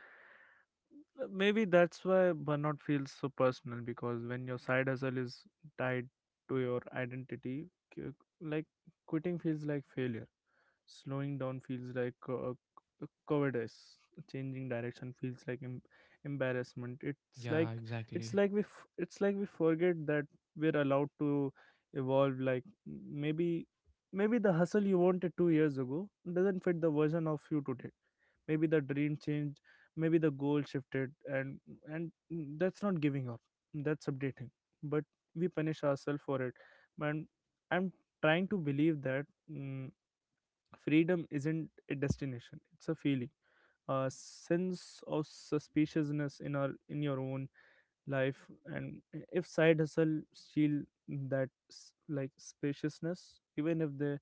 B: Maybe that's why burnout feels so personal, because when your side hustle is tied to your identity, q- like quitting feels like failure, slowing down feels like cowardice, changing direction feels like embarrassment. It's
A: Yeah,
B: like
A: exactly.
B: it's like we forget that we're allowed to evolve. Like, maybe the hustle you wanted 2 years ago doesn't fit the version of you today. Maybe the dream changed, maybe the goal shifted. And and that's not giving up, that's updating. But we punish ourselves for it. And i'm trying to believe that. mm, Freedom isn't a destination, it's a feeling, a sense of suspiciousness in our in your own life. And if side hustle steal that spaciousness,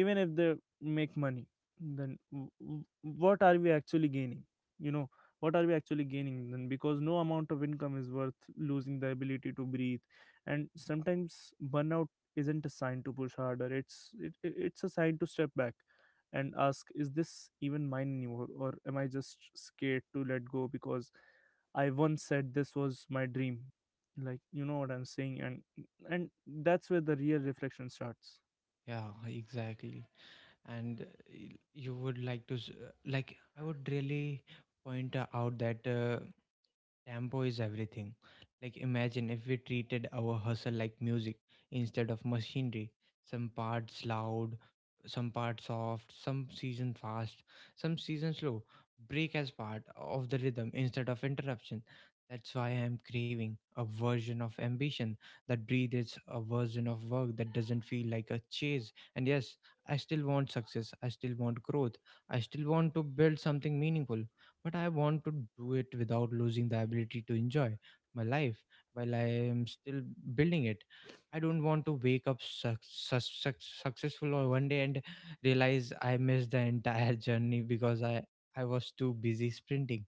B: even if they make money, then what are we actually gaining you know what are we actually gaining? Then because no amount of income is worth losing the ability to breathe. And sometimes burnout isn't a sign to push harder, it's a sign to step back and ask, is this even mine anymore, or am I just scared to let go? Because I once said this was my dream. Like, you know what I'm saying? And that's where the real reflection starts.
A: Yeah, exactly. And you would like to like I would really point out that tempo is everything. Like, imagine if we treated our hustle like music instead of machinery. Some parts loud, some parts soft, some season fast, some season slow. Break as part of the rhythm instead of interruption. That's why I am craving a version of ambition that breathes, a version of work that doesn't feel like a chase. And yes, I still want success. I still want growth. I still want to build something meaningful, but I want to do it without losing the ability to enjoy my life while I am still building it. I don't want to wake up successful on one day and realize I missed the entire journey because I was too busy sprinting.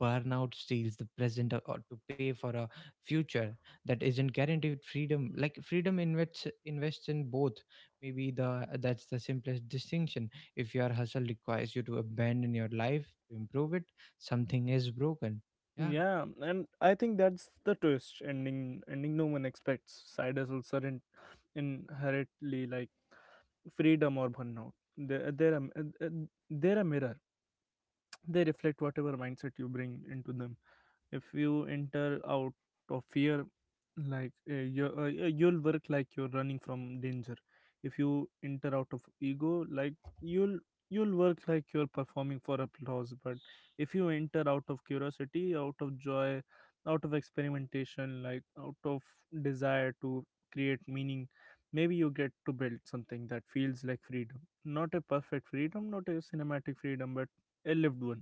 A: Burnout steals the present to pay for a future that isn't guaranteed freedom. Like freedom invests in both. Maybe the that's the simplest distinction. If your hustle requires you to abandon your life to improve it, something is broken. Yeah,
B: Yeah, and I think that's the twist ending no one expects. Side hustles aren't inherently, like, freedom or burnout. They're, they're, a, they're a mirror. They reflect whatever mindset you bring into them. If you enter out of fear, like, you'll work like you're running from danger. If you enter out of ego, like, you'll you'll work like you're performing for applause. But if you enter out of curiosity, out of joy, out of experimentation, like, out of desire to create meaning, maybe you get to build something that feels like freedom. Not a perfect freedom, not a cinematic freedom, but a lived one,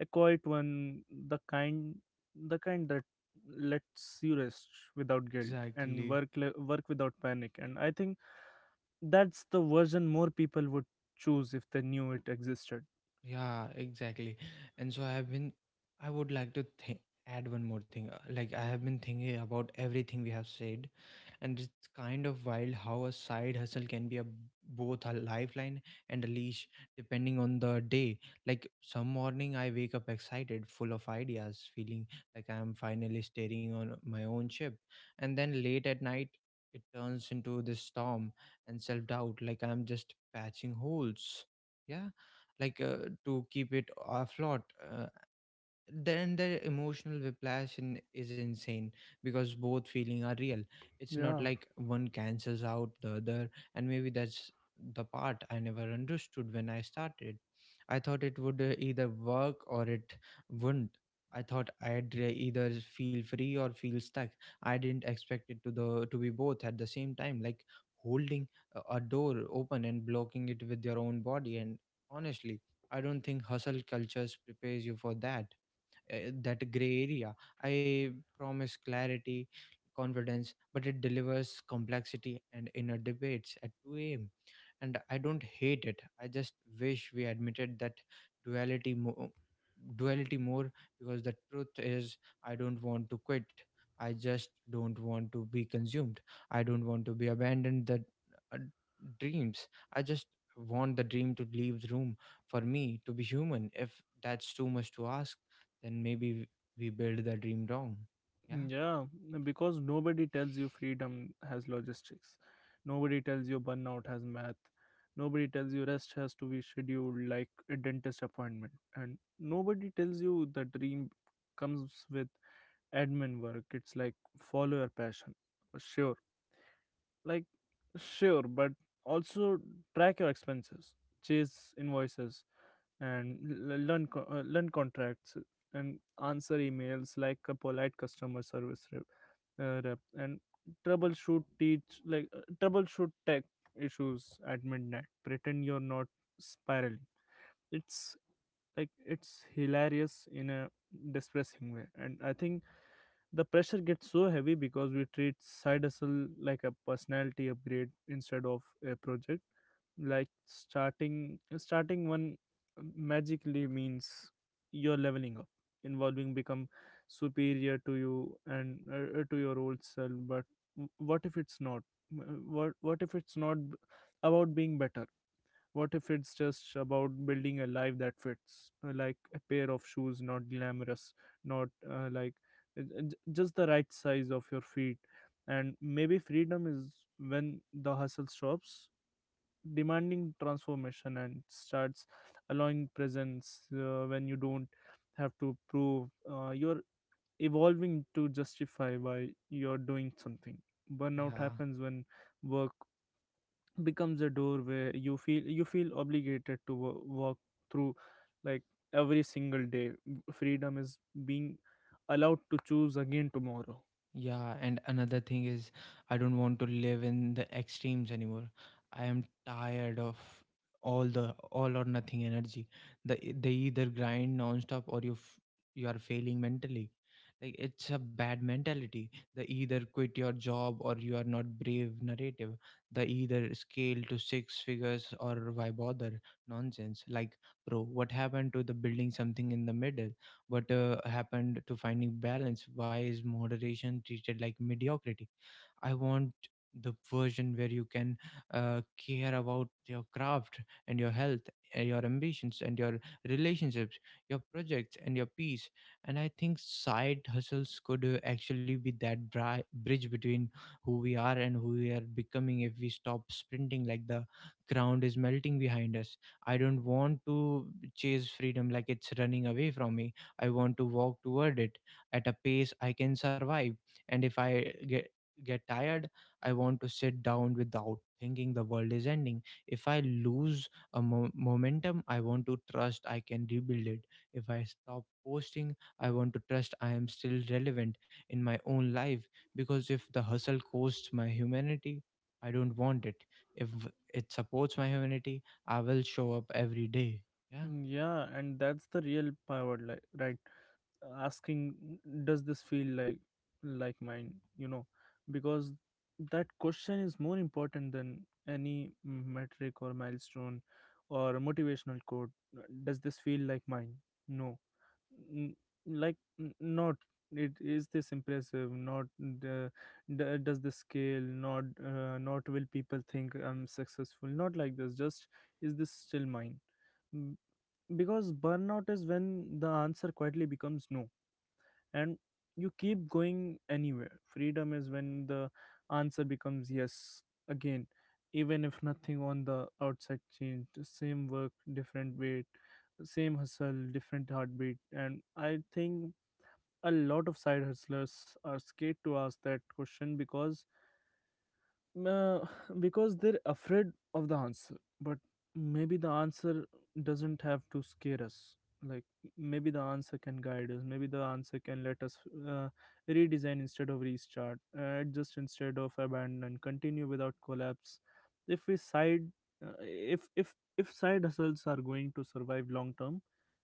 B: a quiet one, the kind, the kind that lets you rest without guilt and
A: exactly.
B: work without panic. And I think that's the version more people would choose if they knew it existed.
A: Yeah, exactly. And so I have been, I would like to add one more thing. Like, I have been thinking about everything we have said, and it's kind of wild how a side hustle can be a both a lifeline and a leash depending on the day. Like, some morning I wake up excited, full of ideas, feeling like I am finally steering on my own ship. And then late at night, it turns into this storm and self doubt, like I'm just patching holes. Yeah, like to keep it afloat. Uh, then the emotional whiplash is insane because both feeling are real. It's not
B: Yeah.
A: like one cancels out the other, and maybe that's the part I never understood when I started. I thought it would either work or it wouldn't. I thought I'd either feel free or feel stuck. I didn't expect it to be both at the same time, like holding a door open and blocking it with your own body. And honestly, I don't think hustle cultures prepares you for that, uh, that gray area. I promise clarity, confidence, but it delivers complexity and inner debates at 2 a.m. And I don't hate it. I just wish we admitted that duality more duality more, because the truth is I don't want to quit, I just don't want to be consumed. I don't want to be abandoned the uh, dreams. I just want the dream to leave the room for me to be human. If that's too much to ask, then maybe we build the dream wrong. Yeah.
B: Yeah, because nobody tells you freedom has logistics. Nobody tells you burnout has math. Nobody tells you rest has to be scheduled like a dentist appointment. And nobody tells you the dream comes with admin work. It's like, follow your passion. Sure. Like, sure, but also track your expenses, chase invoices, and learn contracts and answer emails like a polite customer service rep, and troubleshoot teach like troubleshoot tech issues at midnight, pretend you're not spiraling. It's like, it's hilarious in a depressing way. And I think the pressure gets so heavy because we treat side hustle like a personality upgrade instead of a project. Like, starting one magically means you're leveling up, involving become superior to you and to your old self. But what if it's not — what what if it's not about being better? What if it's just about building a life that fits, like a pair of shoes, not glamorous, not like j- just the right size of your feet? And maybe freedom is when the hustle stops demanding transformation and starts allowing presence, when you don't have to prove you're evolving to justify why you're doing something. Burnout
A: Yeah.
B: happens when work becomes a door where you feel obligated to walk through, like, every single day. Freedom is being allowed to choose again tomorrow.
A: Yeah, and another thing is, I don't want to live in the extremes anymore. I am tired of all the all or nothing energy. The they either grind nonstop or you are failing mentally. Like it's a bad mentality. The either quit your job or you are not brave narrative. The either scale to six figures or why bother nonsense. Like bro, what happened to the building something in the middle? What happened to finding balance? Why is moderation treated like mediocrity? I want the version where you can care about your craft and your health and your ambitions and your relationships, your projects and your peace. And I think side hustles could actually be that bridge between who we are and who we are becoming, if we stop sprinting like the ground is melting behind us. I don't want to chase freedom like it's running away from me. I want to walk toward it at a pace I can survive. And if I get tired, I want to sit down without thinking the world is ending. If I lose a momentum, I want to trust I can rebuild it. If I stop posting, I want to trust I am still relevant in my own life. Because if the hustle costs my humanity, I don't want it. If it supports my humanity, I will show up every day. Yeah,
B: Yeah, and that's the real power, like, right, asking, does this feel like, mine, you know? Because that question is more important than any metric or milestone or motivational quote. Does this feel like mine? No n- like n- not, it is this impressive? Not the, does the scale, not not, will people think I'm successful? Not, like, this, just, is this still mine? M- because burnout is when the answer quietly becomes no and you keep going anywhere. Freedom is when the answer becomes yes again, even if nothing on the outside changed. Same work, different weight, same hustle, different heartbeat. And I think a lot of side hustlers are scared to ask that question uh, because they're afraid of the answer. But maybe the answer doesn't have to scare us. Like, maybe the answer can guide us, maybe the answer can let us uh, redesign instead of restart, adjust instead of abandon, and continue without collapse. If we side uh, if if if side hustles are going to survive long term,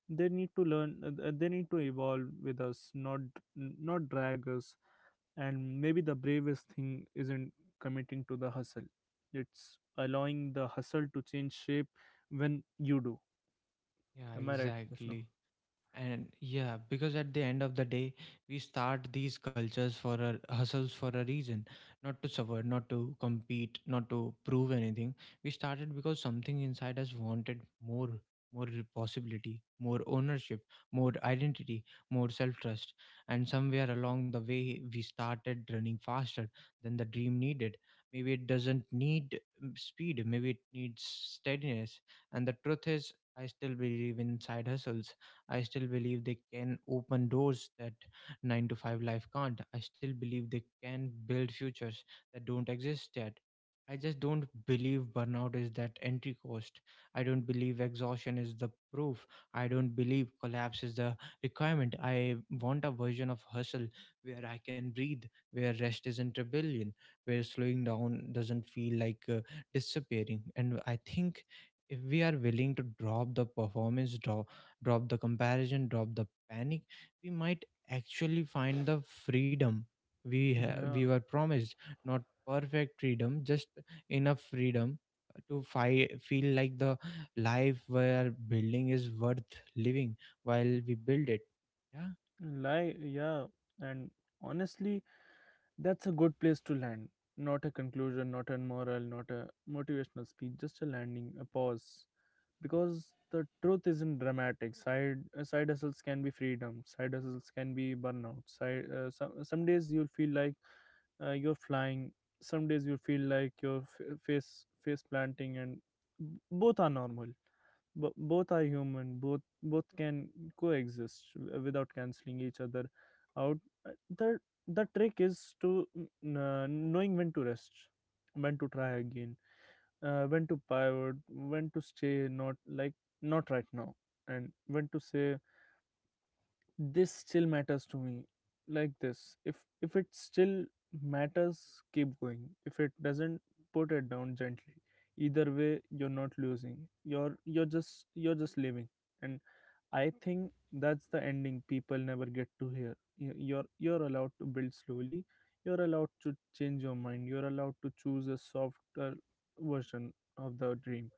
B: they need to evolve with us, not drag us. And maybe the bravest thing isn't committing to the hustle, it's allowing the hustle to change shape when you do.
A: yeah,
B: Am I right, Vishnu?
A: exactly. And yeah, because at the end of the day, we start these cultures for a hustles for a reason, not to suffer, not to compete, not to prove anything. We started because something inside us wanted more, more possibility, more ownership, more identity, more self trust. And somewhere along the way, we started running faster than the dream needed. Maybe it doesn't need speed, maybe it needs steadiness. And the truth is, I still believe in side hustles. I still believe they can open doors that 9 to 5 life can't. I still believe they can build futures that don't exist yet. I just don't believe burnout is that entry cost. I don't believe exhaustion is the proof. I don't believe collapse is the requirement. I want a version of hustle where I can breathe, where rest isn't rebellion, where slowing down doesn't feel like disappearing. And I think if we are willing to drop the performance, drop the comparison, drop the panic, we might actually find the freedom we
B: Yeah,
A: were promised, not perfect freedom, just enough freedom to feel like the life where building is worth living while we build it. Yeah.
B: lie, yeah. And honestly, that's a good place to land. Not a conclusion, not a moral, not a motivational speech, just a landing, a pause. Because the truth isn't dramatic. Side hustles can be freedom. Side hustles can be burnout. Side some days you'll feel like, you're flying. Some days you feel like you're face face planting, and both are normal. Both are human. Both can coexist without canceling each other out. Uh, The the trick is to, knowing when to rest, when to try again, when to pivot, when to stay, not, like, not right now, and when to say, this still matters to me, like this. If it still matters, keep going. If it doesn't, put it down gently. Either way, you're not losing. You're just living. And I think that's the ending people never get to hear. You're allowed to build slowly. You're allowed to change your mind. You're allowed to choose a softer version of the dream.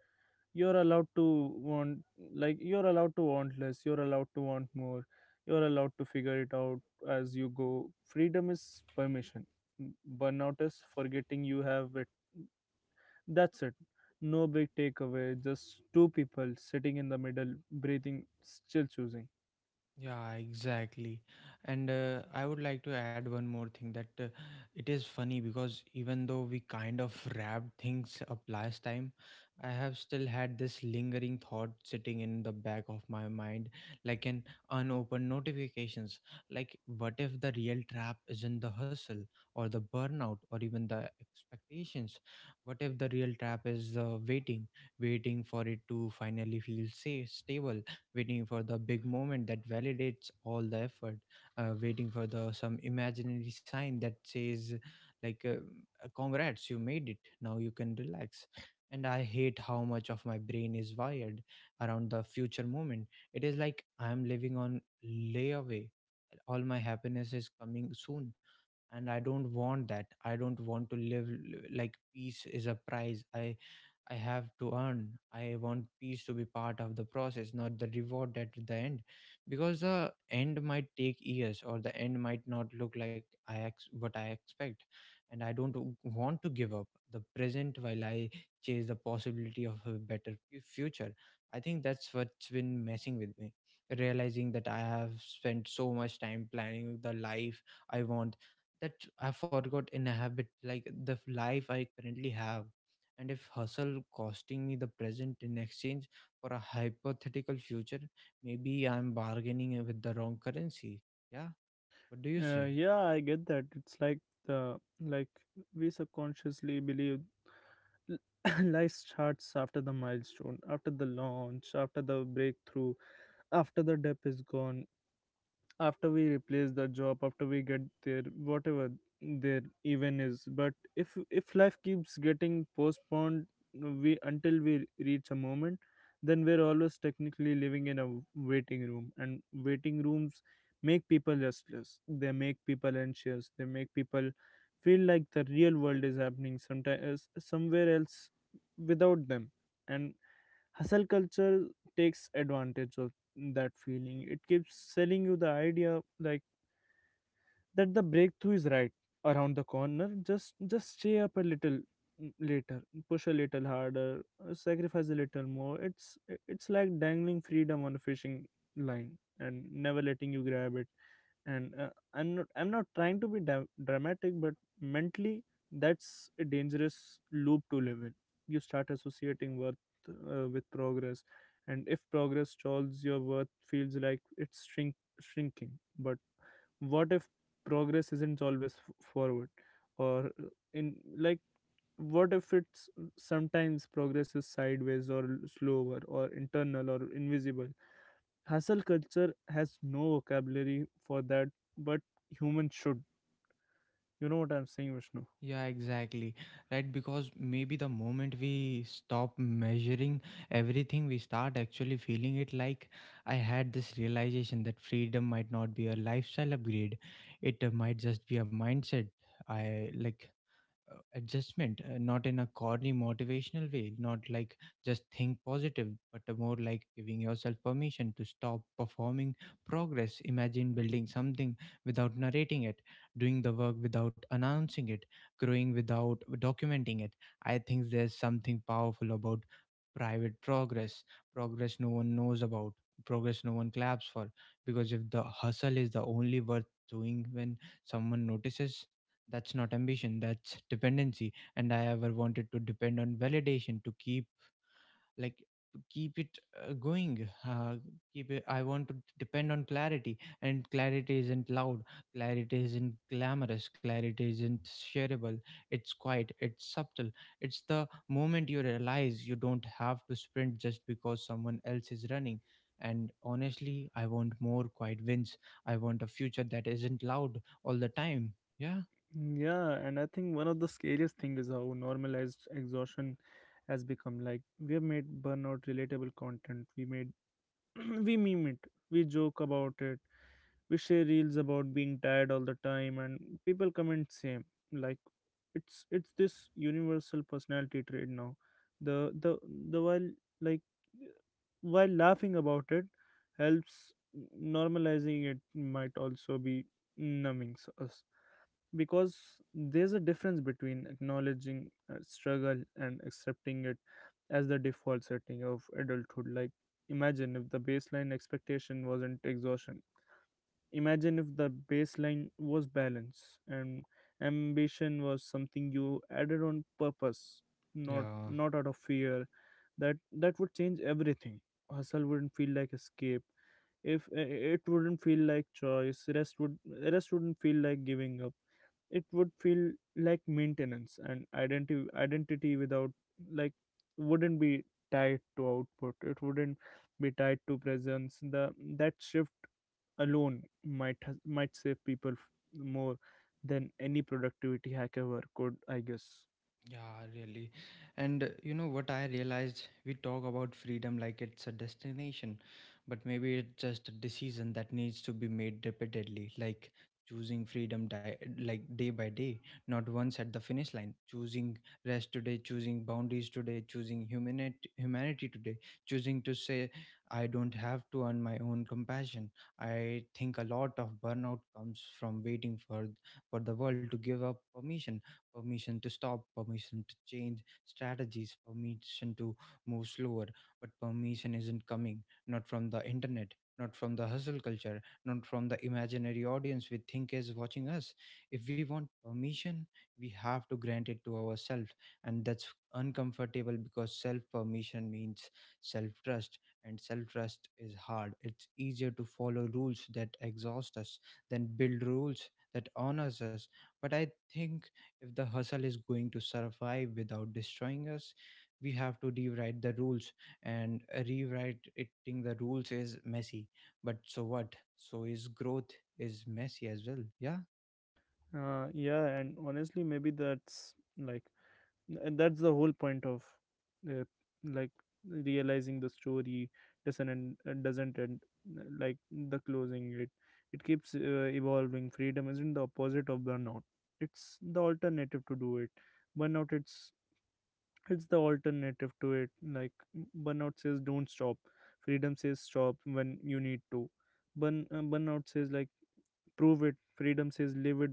B: You're allowed to want, like, you're allowed to want less. You're allowed to want more. You're allowed to figure it out as you go. Freedom is permission. M- Burnout is forgetting you have it. That's it. No big takeaway. Just two people sitting in the middle, breathing, still choosing.
A: Yeah, exactly. And I would like to add one more thing, that it is funny because even though we kind of wrapped things up last time, I have still had this lingering thought sitting in the back of my mind, like an unopened notifications. Like, what if the real trap isn't the hustle or the burnout or even the expectations? What if the real trap is the waiting, waiting for it to finally feel safe, stable? Waiting for the big moment that validates all the effort, waiting for the some imaginary sign that says, like, "Congrats, you made it. Now you can relax." And I hate how much of my brain is wired around the future moment. It is like I am living on layaway. All my happiness is coming soon, and I don't want that. I don't want to live like peace is a prize I have to earn. I want peace to be part of the process, not the reward at the end, because the end might take years, or the end might not look like I what I expect, and I don't want to give up the present while I chase the possibility of a better future. I think that's what's been messing with me, realizing that I have spent so much time planning the life I want that I forgot in a habit like the life I currently have. And if hustle costing me the present in exchange for a hypothetical future, maybe I'm bargaining with the wrong currency. Yeah, what do you say?
B: Yeah, I get that. It's like, the, like, we subconsciously believe life starts after the milestone, after the launch, after the breakthrough, after the depth is gone, after we replace the job, after we get there, whatever their even is. But if life keeps getting postponed, we, until we reach a moment, then we're always technically living in a waiting room. And waiting rooms make people restless, they make people anxious, they make people feel like the real world is happening sometimes somewhere else without them. And hustle culture takes advantage that feeling. It keeps selling you the idea, like, that the breakthrough is right around the corner. Just stay up a little later, push a little harder, sacrifice a little more. It's like dangling freedom on a fishing line and never letting you grab it. And I'm not trying to be dramatic, but mentally, that's a dangerous loop to live in. You start associating worth with progress, and if progress stalls, your worth feels like it's shrinking. But what if progress isn't always forward or in like what if it's, sometimes progress is sideways or slower or internal or invisible? Hustle culture has no vocabulary for that, but humans should. You know what I'm saying, Vishnu?
A: Yeah, exactly. Right, because maybe the moment we stop measuring everything, we start actually feeling it. Like I had this realization that freedom might not be a lifestyle upgrade, it might just be a mindset. I like adjustment, not in a corny motivational way, not like just think positive, but a more like giving yourself permission to stop performing progress. Imagine building something without narrating it, doing the work without announcing it, growing without documenting it. I think there's something powerful about private progress, progress no one knows about, progress no one claps for, because if the hustle is the only worth doing when someone notices, that's not ambition, that's dependency. And I ever wanted to depend on validation to keep like to keep it going, keep it I want to depend on clarity. And clarity isn't loud, clarity isn't glamorous, clarity isn't shareable. It's quiet, it's subtle. It's the moment you realize you don't have to sprint just because someone else is running. And honestly, I want more quiet wins. I want a future that isn't loud all the time. Yeah.
B: Yeah, and I think one of the scariest thing is how normalized exhaustion has become. Like, we have made burnout relatable content. We made we meme it, we joke about it, we share reels about being tired all the time, and people comment same. Like, it's this universal personality trait now. The the the while, like, while laughing about it helps, normalizing it might also be numbing us. Because there's a difference between acknowledging struggle and accepting it as the default setting of adulthood. Like, imagine if the baseline expectation wasn't exhaustion. Imagine if the baseline was balance, and ambition was something you added on purpose,
A: Yeah,
B: not out of fear. That that would change everything. Hustle wouldn't feel like escape. If It wouldn't feel like choice. Rest wouldn't feel like giving up, it would feel like maintenance. And identity without like, wouldn't be tied to output, it wouldn't be tied to presence. The That shift alone might might save people more than any productivity hack ever could, I guess.
A: yeah, really. And you know what I realized? We talk about freedom like it's a destination, but maybe it's just a decision that needs to be made repeatedly, like choosing freedom like day by day, not once at the finish line. Choosing rest today, choosing boundaries today, choosing humanity today, choosing to say I don't have to earn my own compassion. I think a lot of burnout comes from waiting for the world to give up permission to stop, permission to change strategies, permission to move slower. But permission isn't coming, not from the internet, not from the hustle culture, not from the imaginary audience we think is watching us. If we want permission, we have to grant it to ourselves. And that's uncomfortable because self permission means self trust. And self trust is hard. It's easier to follow rules that exhaust us than build rules that honors us. But I think if the hustle is going to survive without destroying us, we have to rewrite the rules. And rewriting the rules is messy. But so what? So is growth is messy as well. Yeah.
B: Uh, yeah, and honestly, maybe that's, like, and that's the whole point of, uh, like realizing the story doesn't end, like, the closing it. It keeps, evolving. Freedom isn't the opposite of burnout, it's the alternative to do it burnout it's it's the alternative to it. Like, burnout says, don't stop. Freedom says, stop when you need to. Burnout says, like, prove it. Freedom says, live it.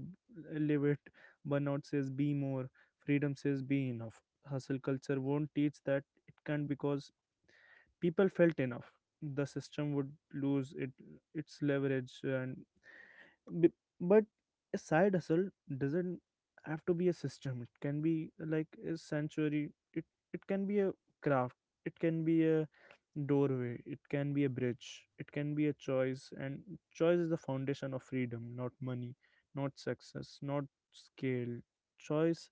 B: live it Burnout says, be more. Freedom says, be enough. Hustle culture won't teach that, it can't. Because people felt enough, the system would lose it its leverage. And b- but a side hustle doesn't have to be a system. It can be like a sanctuary. it it can be a craft, it can be a doorway, it can be a bridge, it can be a choice. And choice is the foundation of freedom, not money, not success, not scale. Choice,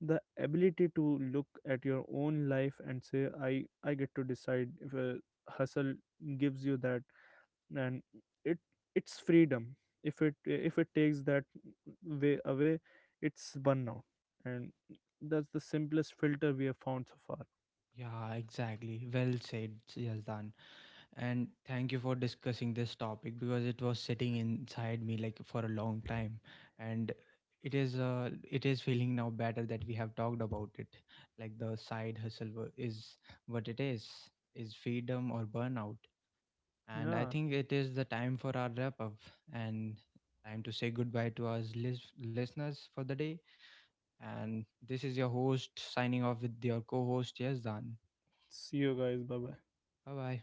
B: the ability to look at your own life and say, I get to decide. If a hustle gives you that, and it it's freedom. If it takes that way away, it's burnout. And that's the simplest filter we have found so far.
A: Yeah, exactly. Well said, Yazdan. And thank you for discussing this topic because it was sitting inside me like for a long time, and it is feeling now better that we have talked about it, like the side hustle is what it is freedom or burnout. And I
B: Yeah,
A: think it is the time for our wrap up, and time to say goodbye to our listeners for the day. And this is your host signing off with your co-host Yazdan.
B: see you guys. Bye bye.
A: Bye bye.